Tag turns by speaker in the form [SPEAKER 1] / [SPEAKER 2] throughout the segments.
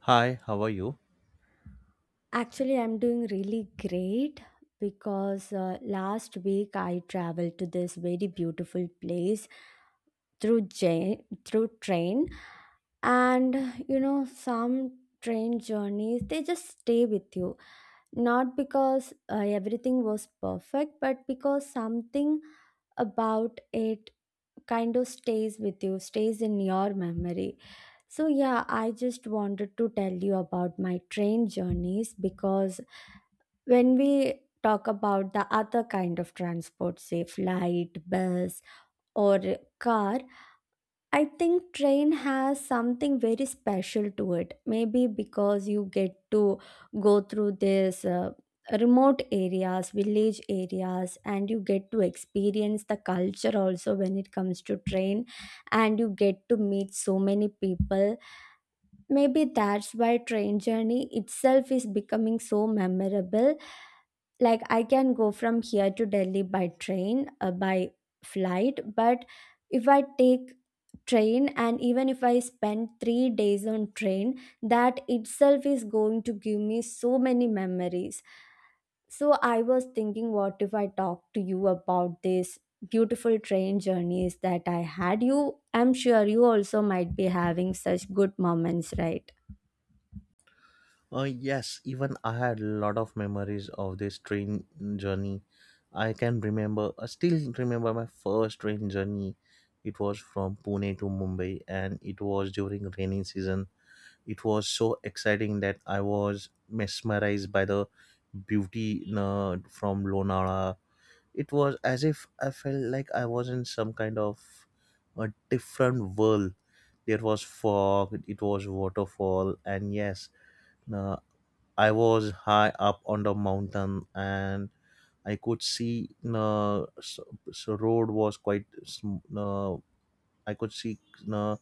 [SPEAKER 1] Hi, how are you?
[SPEAKER 2] Actually, I'm doing really great because last week I traveled to this very beautiful place through ja- through train and some train journeys they just stay with you, not because everything was perfect but because something about it kind of stays with you, stays in your memory. So yeah, I just wanted to tell you about my train journeys, because when we talk about the other kind of transport, say flight, bus, or car, I think train has something very special to it. Maybe because you get to go through this. Remote areas, village areas, and you get to experience the culture also when it comes to train, and you get to meet so many people. Maybe that's why train journey itself is becoming so memorable. Like, I can go from here to Delhi by train, by flight, but if I take train and even if I spend 3 days on train, that itself is going to give me so many memories. So I was thinking, what if I talk to you about this beautiful train journeys that I had. You, I'm sure you also might be having such good moments, right?
[SPEAKER 1] Yes, even I had a lot of memories of this train journey. I can remember, I still remember my first train journey. It was from Pune to Mumbai, and it was during rainy season. It was so exciting that I was mesmerized by the beauty from Lonavala. It was as if I felt like I was in some kind of a different world. There was fog, it was waterfall, and yes, Uh, I was high up on the mountain and I could see the road was quite. I could see uh,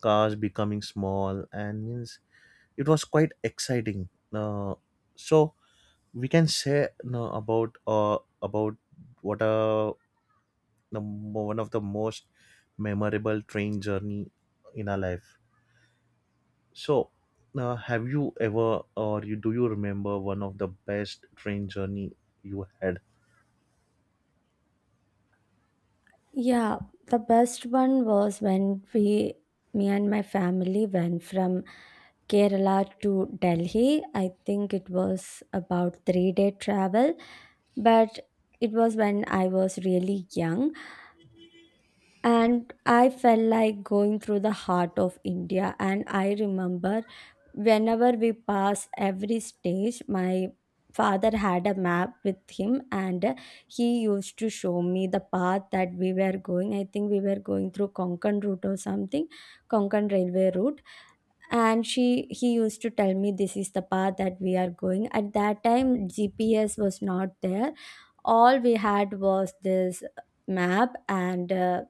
[SPEAKER 1] cars becoming small and means it was quite exciting. So we can say about what uh, one of the most memorable train journey in our life. So, have you ever, do you remember one of the best train journey you had?
[SPEAKER 2] Yeah, the best one was when we, me and my family went from Kerala to Delhi. I think it was about 3 day travel, but it was when I was really young and I felt like going through the heart of India. And I remember whenever we pass every stage, my father had a map with him, and he used to show me the path that we were going. I think we were going through Konkan route or something, Konkan railway route. And she he used to tell me this is the path that we are going. At that time, GPS was not there. All we had was this map, and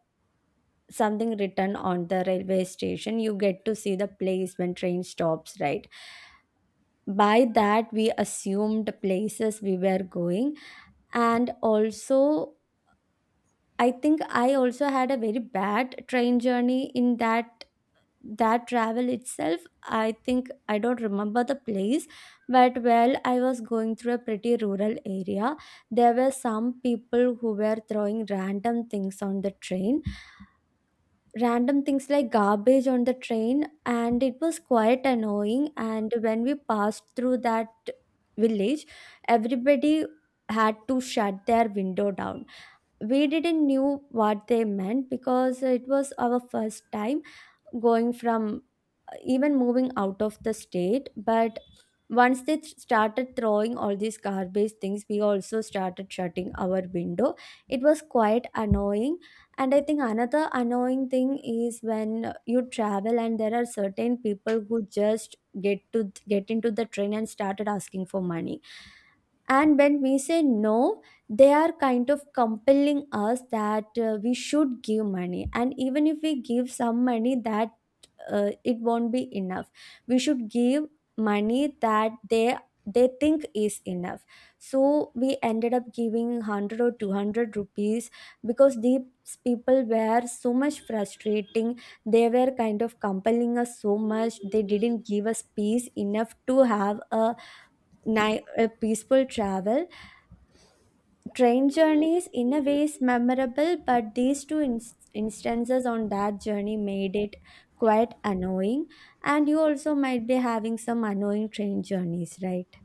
[SPEAKER 2] something written on the railway station. You get to see the place when train stops, right? By that, we assumed places we were going. And also, I think I also had a very bad train journey in that, that travel itself. I think I don't remember the place, but well, I was going through a pretty rural area. There were some people who were throwing random things on the train, random things like garbage on the train, and it was quite annoying. And when we passed through that village, everybody had to shut their window down. We didn't knew what they meant because it was our first time going from, even moving out of the state. But once they started throwing all these garbage things, we also started shutting our window. It was quite annoying. And I think another annoying thing is when you travel and there are certain people who just get to get into the train and started asking for money. And when we say no, they are kind of compelling us that we should give money, and even if we give some money that it won't be enough. We should give money that they think is enough. So we ended up giving 100 or 200 rupees, because these people were so much frustrating. They were kind of compelling us so much, they didn't give us peace enough to have a peaceful travel. Train journeys, in a way, is memorable, but these two instances on that journey made it quite annoying. And you also might be having some annoying train journeys, right?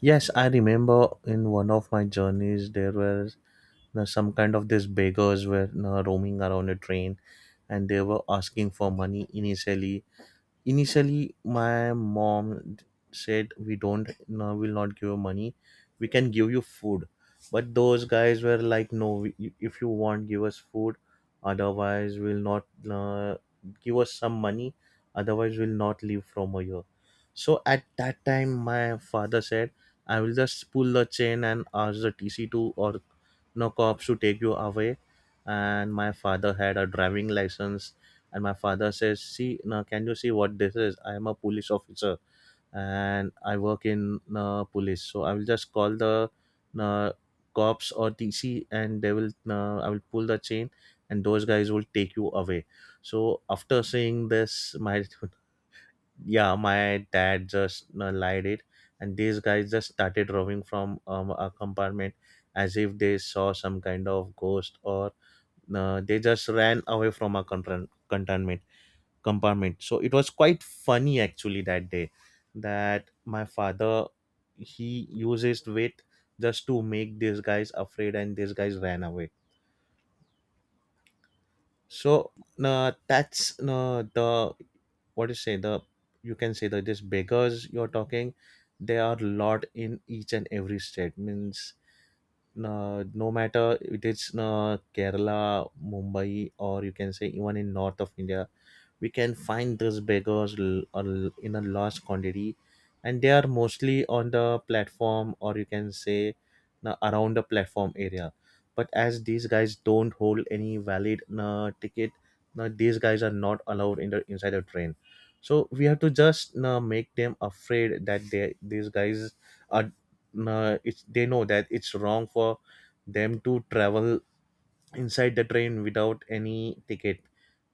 [SPEAKER 1] Yes, I remember in one of my journeys there was you some kind of these beggars were you roaming around a train, and they were asking for money initially. My mom said, "We don't, no, we'll not give you money. We can give you food." But those guys were like, "No, we- if you want, give us food. Otherwise, we'll not uh, give us some money. Otherwise, we'll not leave from here." So at that time, my father said, "I will just pull the chain and ask the TC to or no cops to take you away." And my father had a driving license, and my father says, see now, can you see what this is? I am a police officer and I work in police, so I will just call the uh, cops or TC, and they will I will pull the chain and those guys will take you away. So after saying this, my yeah, my dad just lied it, and these guys just started roaming from our compartment as if they saw some kind of ghost, or they just ran away from our containment compartment. So it was quite funny actually that day, that my father, he uses weight just to make these guys afraid, and these guys ran away. So no, that's no the what do you say the you can say that these beggars you're talking, they are lot in each and every state, means no matter it is Kerala, Mumbai, or you can say even in north of India, we can find these beggars in a large quantity, and they are mostly on the platform, or you can say around the platform area. But as these guys don't hold any valid ticket, these guys are not allowed in the inside the train. So we have to just make them afraid that they these guys are it's they know that it's wrong for them to travel inside the train without any ticket.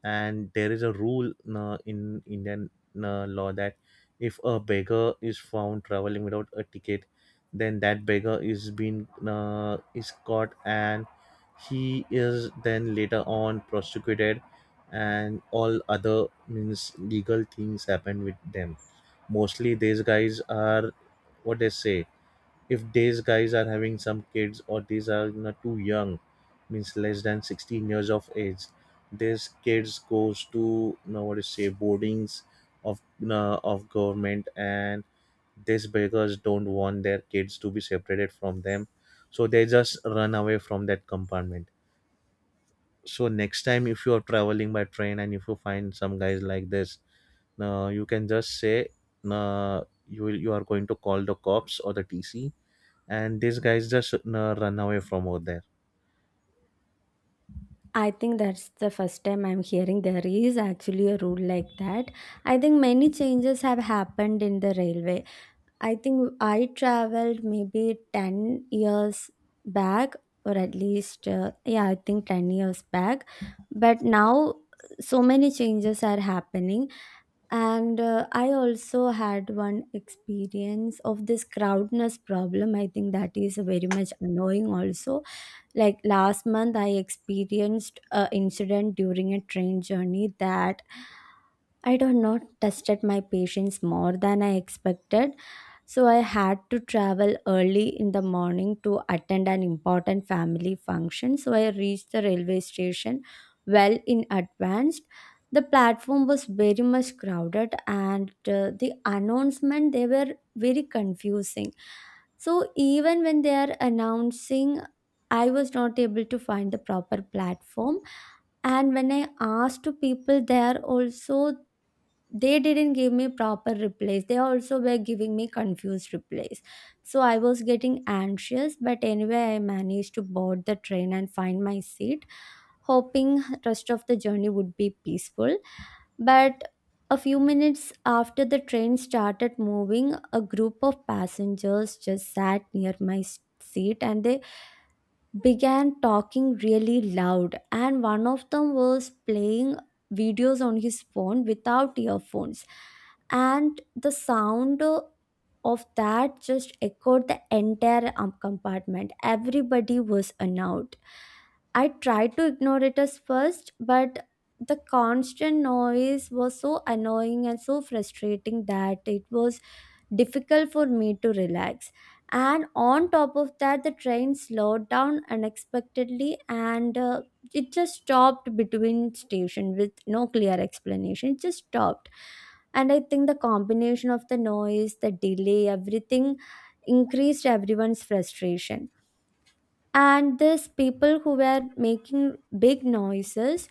[SPEAKER 1] And there is a rule in indian law that if a beggar is found traveling without a ticket, then that beggar is being is caught and he is then later on prosecuted, and all other means legal things happen with them. Mostly these guys are what they say, if these guys are having some kids or these are not too young, means less than 16 years of age, these kids goes to you know, what is say boardings of government, and these beggars don't want their kids to be separated from them, so they just run away from that compartment. So next time if you are traveling by train and if you find some guys like this, you can just say uh, you are going to call the cops or the TC, and these guys just run away from over there.
[SPEAKER 2] I think that's the first time I'm hearing there is actually a rule like that. I think many changes have happened in the railway. I think I traveled maybe 10 years back, or at least, yeah, I think 10 years back. But now, so many changes are happening. And I also had one experience of this crowdness problem. I think that is very much annoying, also. Like last month, I experienced an incident during a train journey that, I don't know, tested my patience more than I expected. So I had to travel early in the morning to attend an important family function. So I reached the railway station well in advance. The platform was very much crowded, and the announcement they were very confusing. So even when they are announcing, I was not able to find the proper platform. And when I asked to people there also, they didn't give me proper replies. They also were giving me confused replies. So I was getting anxious, but anyway, I managed to board the train and find my seat, hoping rest of the journey would be peaceful. But a few minutes after the train started moving, a group of passengers just sat near my seat, and they began talking really loud, and one of them was playing videos on his phone without earphones. And the sound of that just echoed the entire compartment. Everybody was annoyed. I tried to ignore it as first, but the constant noise was so annoying and so frustrating that it was difficult for me to relax. And on top of that, the train slowed down unexpectedly, and it just stopped between station with no clear explanation. It just stopped. And I think the combination of the noise, the delay, everything increased everyone's frustration. And these people who were making big noises,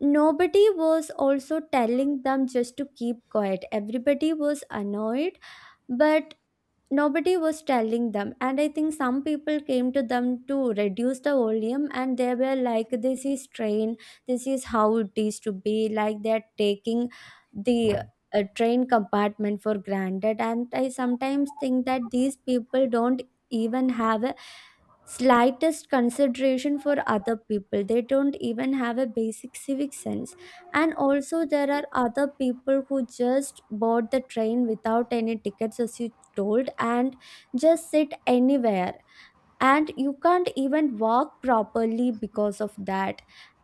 [SPEAKER 2] nobody was also telling them just to keep quiet. Everybody was annoyed, but nobody was telling them. And I think some people came to them to reduce the volume, and they were like, this is train, this is how it is to be. Like, they're taking the train compartment for granted. And I sometimes think that these people don't even have a slightest consideration for other people. They don't even have a basic civic sense. And also, there are other people who just board the train without any tickets, as you told, and just sit anywhere. And you can't even walk properly because of that.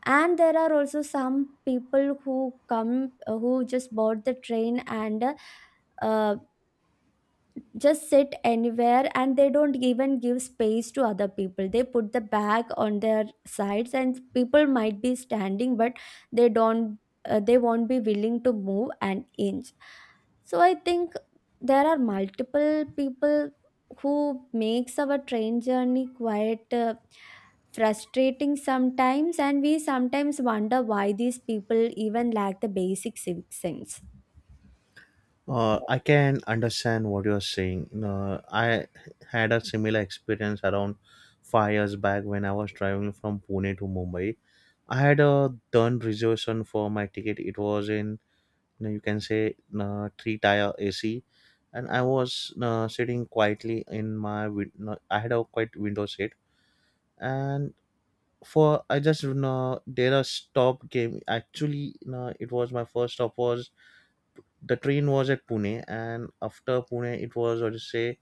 [SPEAKER 2] And there are also some people who come, who just board the train and uh, just sit anywhere, and they don't even give space to other people. They put the bag on their sides, and people might be standing, but they don't, they won't be willing to move an inch. So I think there are multiple people who makes our train journey quite frustrating sometimes, and we sometimes wonder why these people even lack the basic civic sense.
[SPEAKER 1] I can understand what you're saying. I had a similar experience around 5 years back when I was traveling from Pune to Mumbai. I had a done reservation for my ticket. It was in you, know, you can say three tire AC, and I was sitting quietly in I had a quiet window seat, and for I just you know, did a stop game. Actually, you know, it was my first stop was the train was at Pune, and after Pune, it was or to say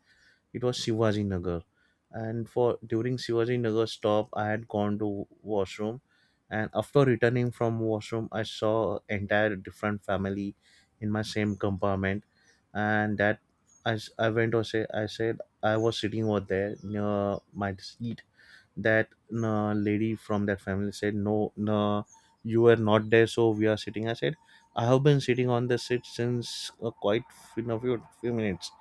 [SPEAKER 1] it was Shivaji Nagar. And for during Shivaji Nagar stop, I had gone to washroom, and after returning from washroom, I saw entire different family in my same compartment, and that I went or say I said I was sitting over there near my seat. That lady from that family said, no no, you were not there, so we are sitting. I said, I have been sitting on the seat since quite few minutes.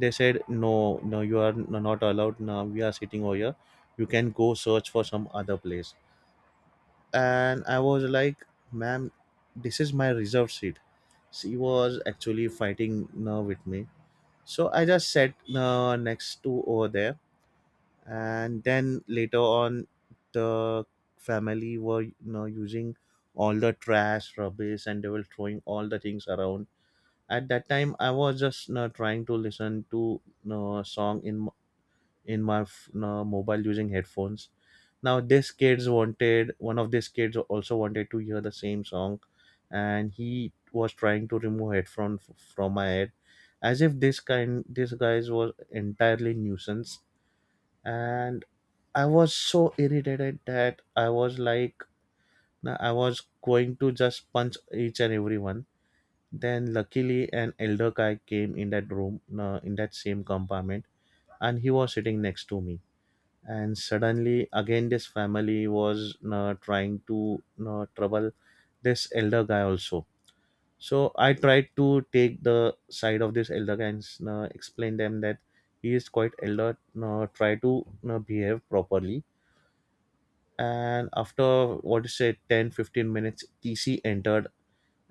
[SPEAKER 1] They said, no no, you are not allowed, now we are sitting over here, you can go search for some other place. And I was like, ma'am, this is my reserved seat. She was actually fighting now with me, so I just sat next to over there. And then later on, the family were you know using all the trash rubbish and they were throwing all the things around. At that time I was just you know, trying to listen to you know, a song in you know, mobile using headphones. Now this kids wanted one of these kids also wanted to hear the same song, and he was trying to remove headphone from my head, as if this guys was entirely nuisance. And I was so irritated that I was like, I was going to just punch each and everyone. Then, luckily, an elder guy came in that room, in that same compartment, and he was sitting next to me. And suddenly, again, this family was trying to trouble this elder guy also. So, I tried to take the side of this elder guy and explain them that he is quite elder, try to behave properly. And after what you say 10, 15 minutes TC entered,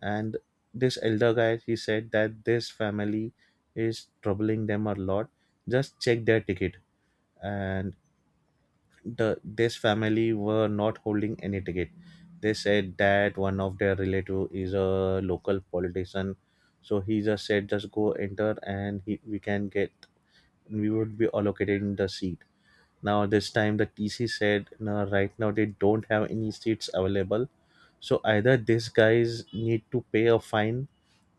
[SPEAKER 1] and this elder guy, he said that this family is troubling them a lot, just check their ticket. And the this family were not holding any ticket. They said that one of their relative is a local politician, so he just said just go enter, and we can get, we would be allocated in the seat. Now this time the TC said no, right now they don't have any seats available, so either these guys need to pay a fine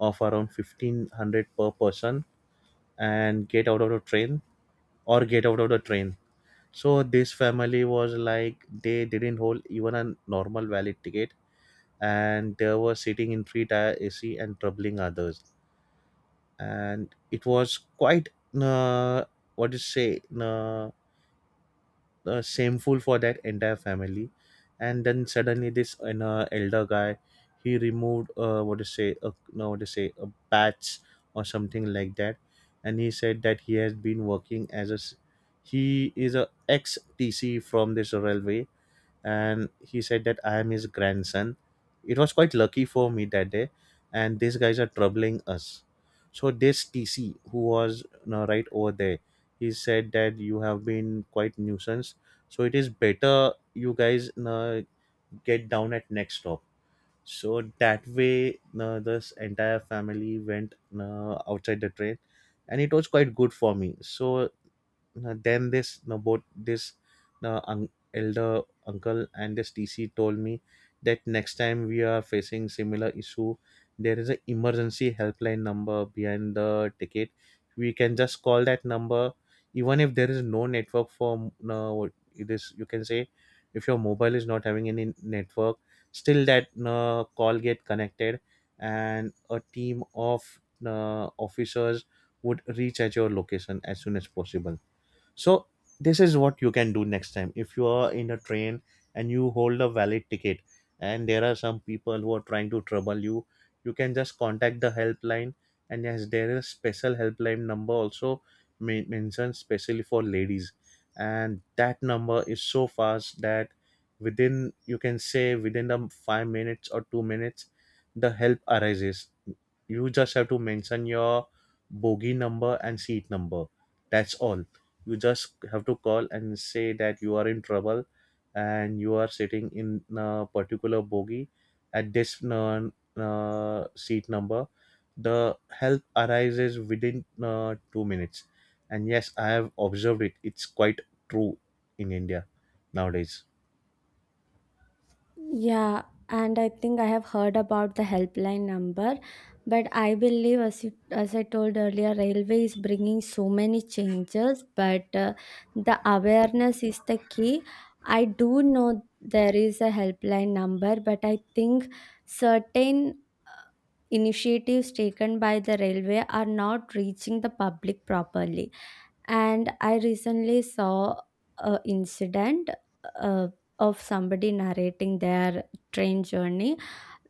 [SPEAKER 1] of around 1,500 per person and get out of the train, or get out of the train. So this family was like, they didn't hold even a normal valid ticket, and they were sitting in free tire AC and troubling others. And it was quite uh, what do you say shameful for that entire family. And then suddenly this an elder guy, he removed what to say a, no what to say a patch or something like that, and he said that he has been working as he is a ex TC from this railway, and he said that I am his grandson. It was quite lucky for me that day, and these guys are troubling us. So this TC who was you know, right over there, he said that you have been quite nuisance. So it is better you guys you know, get down at next stop. So that way, this entire family went outside the train, and it was quite good for me. So then this no both this uh, un- elder uncle and this TC told me that next time we are facing similar issue, there is an emergency helpline number behind the ticket, we can just call that number, even if there is no network for no it is you can say if your mobile is not having any network, still that call get connected, and a team of officers would reach at your location as soon as possible. So this is what you can do next time. If you are in a train and you hold a valid ticket, and there are some people who are trying to trouble you, you can just contact the helpline. And yes, there is a special helpline number also mentioned specially for ladies. And that number is so fast that within you can say within the 5 minutes or 2 minutes, the help arises. You just have to mention your bogie number and seat number. That's all, you just have to call and say that you are in trouble and you are sitting in a particular bogie at this seat number. The help arises within 2 minutes. And yes I have observed it, it's quite true in india nowadays.
[SPEAKER 2] Yeah, and I think I have heard about the helpline number, but I believe, as, you, as I told earlier, railway is bringing so many changes, but the awareness is the key. I do know there is a helpline number, but I think certain uh, initiatives taken by the railway are not reaching the public properly. And I recently saw a incident uh, of somebody narrating their train journey,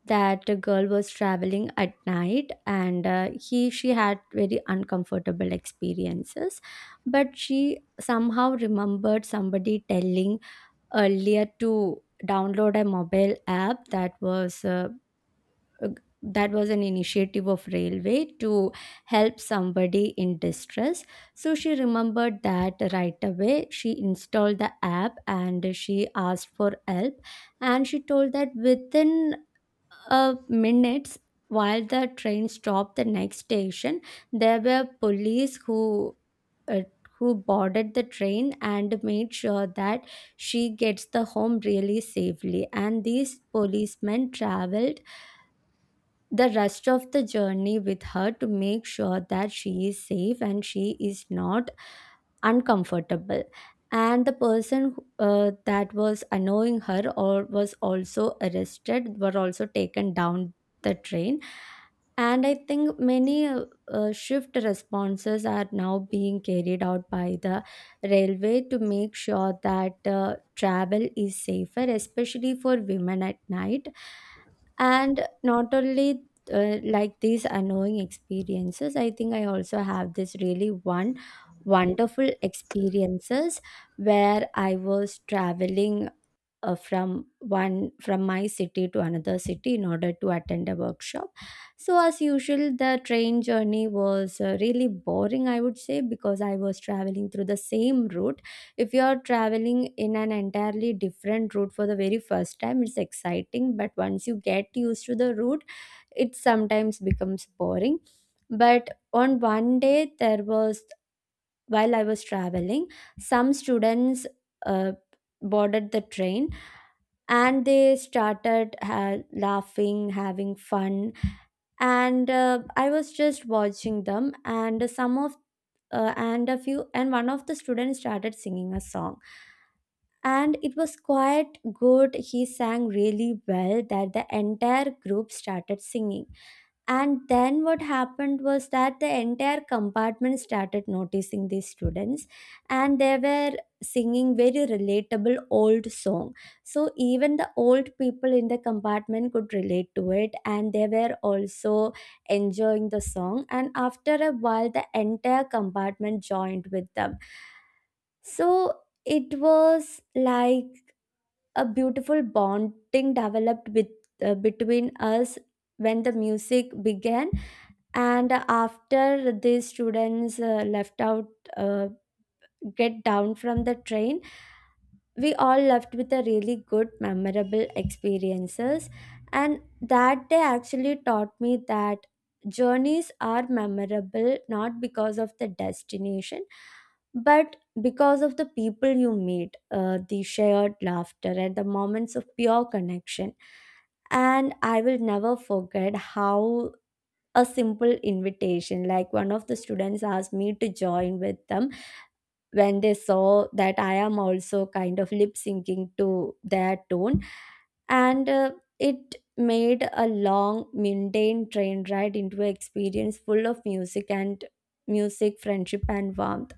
[SPEAKER 2] that a girl was traveling at night, and he she had very uncomfortable experiences. But she somehow remembered somebody telling earlier to download a mobile app uh, that was an initiative of railway to help somebody in distress. So she remembered that, right away she installed the app and she asked for help. And she told that within minutes, while the train stopped the next station, there were police who, uh, who boarded the train and made sure that she gets the home really safely. And these policemen traveled the rest of the journey with her to make sure that she is safe and she is not uncomfortable. And the person that was annoying her, or was also arrested, were also taken down the train. And I think many shift responses are now being carried out by the railway to make sure that travel is safer, especially for women at night. And not only like these annoying experiences, I think I also have this really one wonderful experiences where I was traveling from my city to another city in order to attend a workshop. So as usual, the train journey was really boring, I would say, because I was traveling through the same route. If you are traveling in an entirely different route for the very first time, it's exciting, but once you get used to the route, it sometimes becomes boring. But on one day, there was, while I was traveling, some students uh, boarded the train, and they started laughing, having fun. And I was just watching them, and some of and a few and one of the students started singing a song. And it was quite good, he sang really well, that the entire group started singing. And then what happened was that the entire compartment started noticing these students, and they were singing very relatable old song. So even the old people in the compartment could relate to it, and they were also enjoying the song. And after a while, the entire compartment joined with them. So it was like a beautiful bonding developed with, between us when the music began. And after the students left out, uh, get down from the train, we all left with a really good memorable experiences. And that day actually taught me that journeys are memorable not because of the destination, but because of the people you meet, the shared laughter and the moments of pure connection. And I will never forget how a simple invitation, like one of the students asked me to join with them when they saw that I am also kind of lip syncing to their tone. And it made a long, mundane train ride into an experience full of music and music, friendship, and warmth.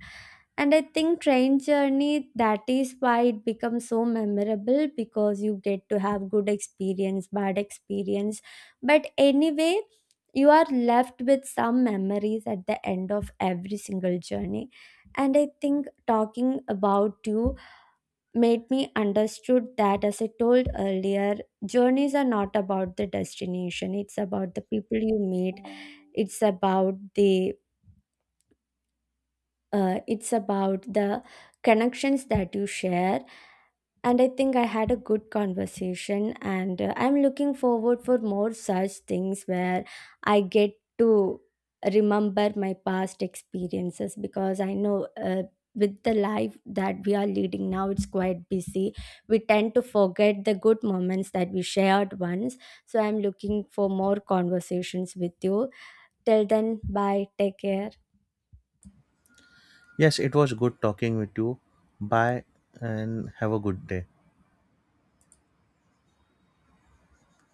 [SPEAKER 2] And I think train journey, that is why it becomes so memorable, because you get to have good experience, bad experience. But anyway, you are left with some memories at the end of every single journey. And I think talking about you made me understood that, as I told earlier, journeys are not about the destination, it's about the people you meet. it's about the it's about the connections that you share. And I think I had a good conversation, and I'm looking forward for more such things where I get to remember my past experiences. Because I know, uh, with the life that we are leading now, it's quite busy. We tend to forget the good moments that we shared once. So I'm looking for more conversations with you. Till then, bye, take care.
[SPEAKER 1] Yes it was good talking with you, bye, and have a good day.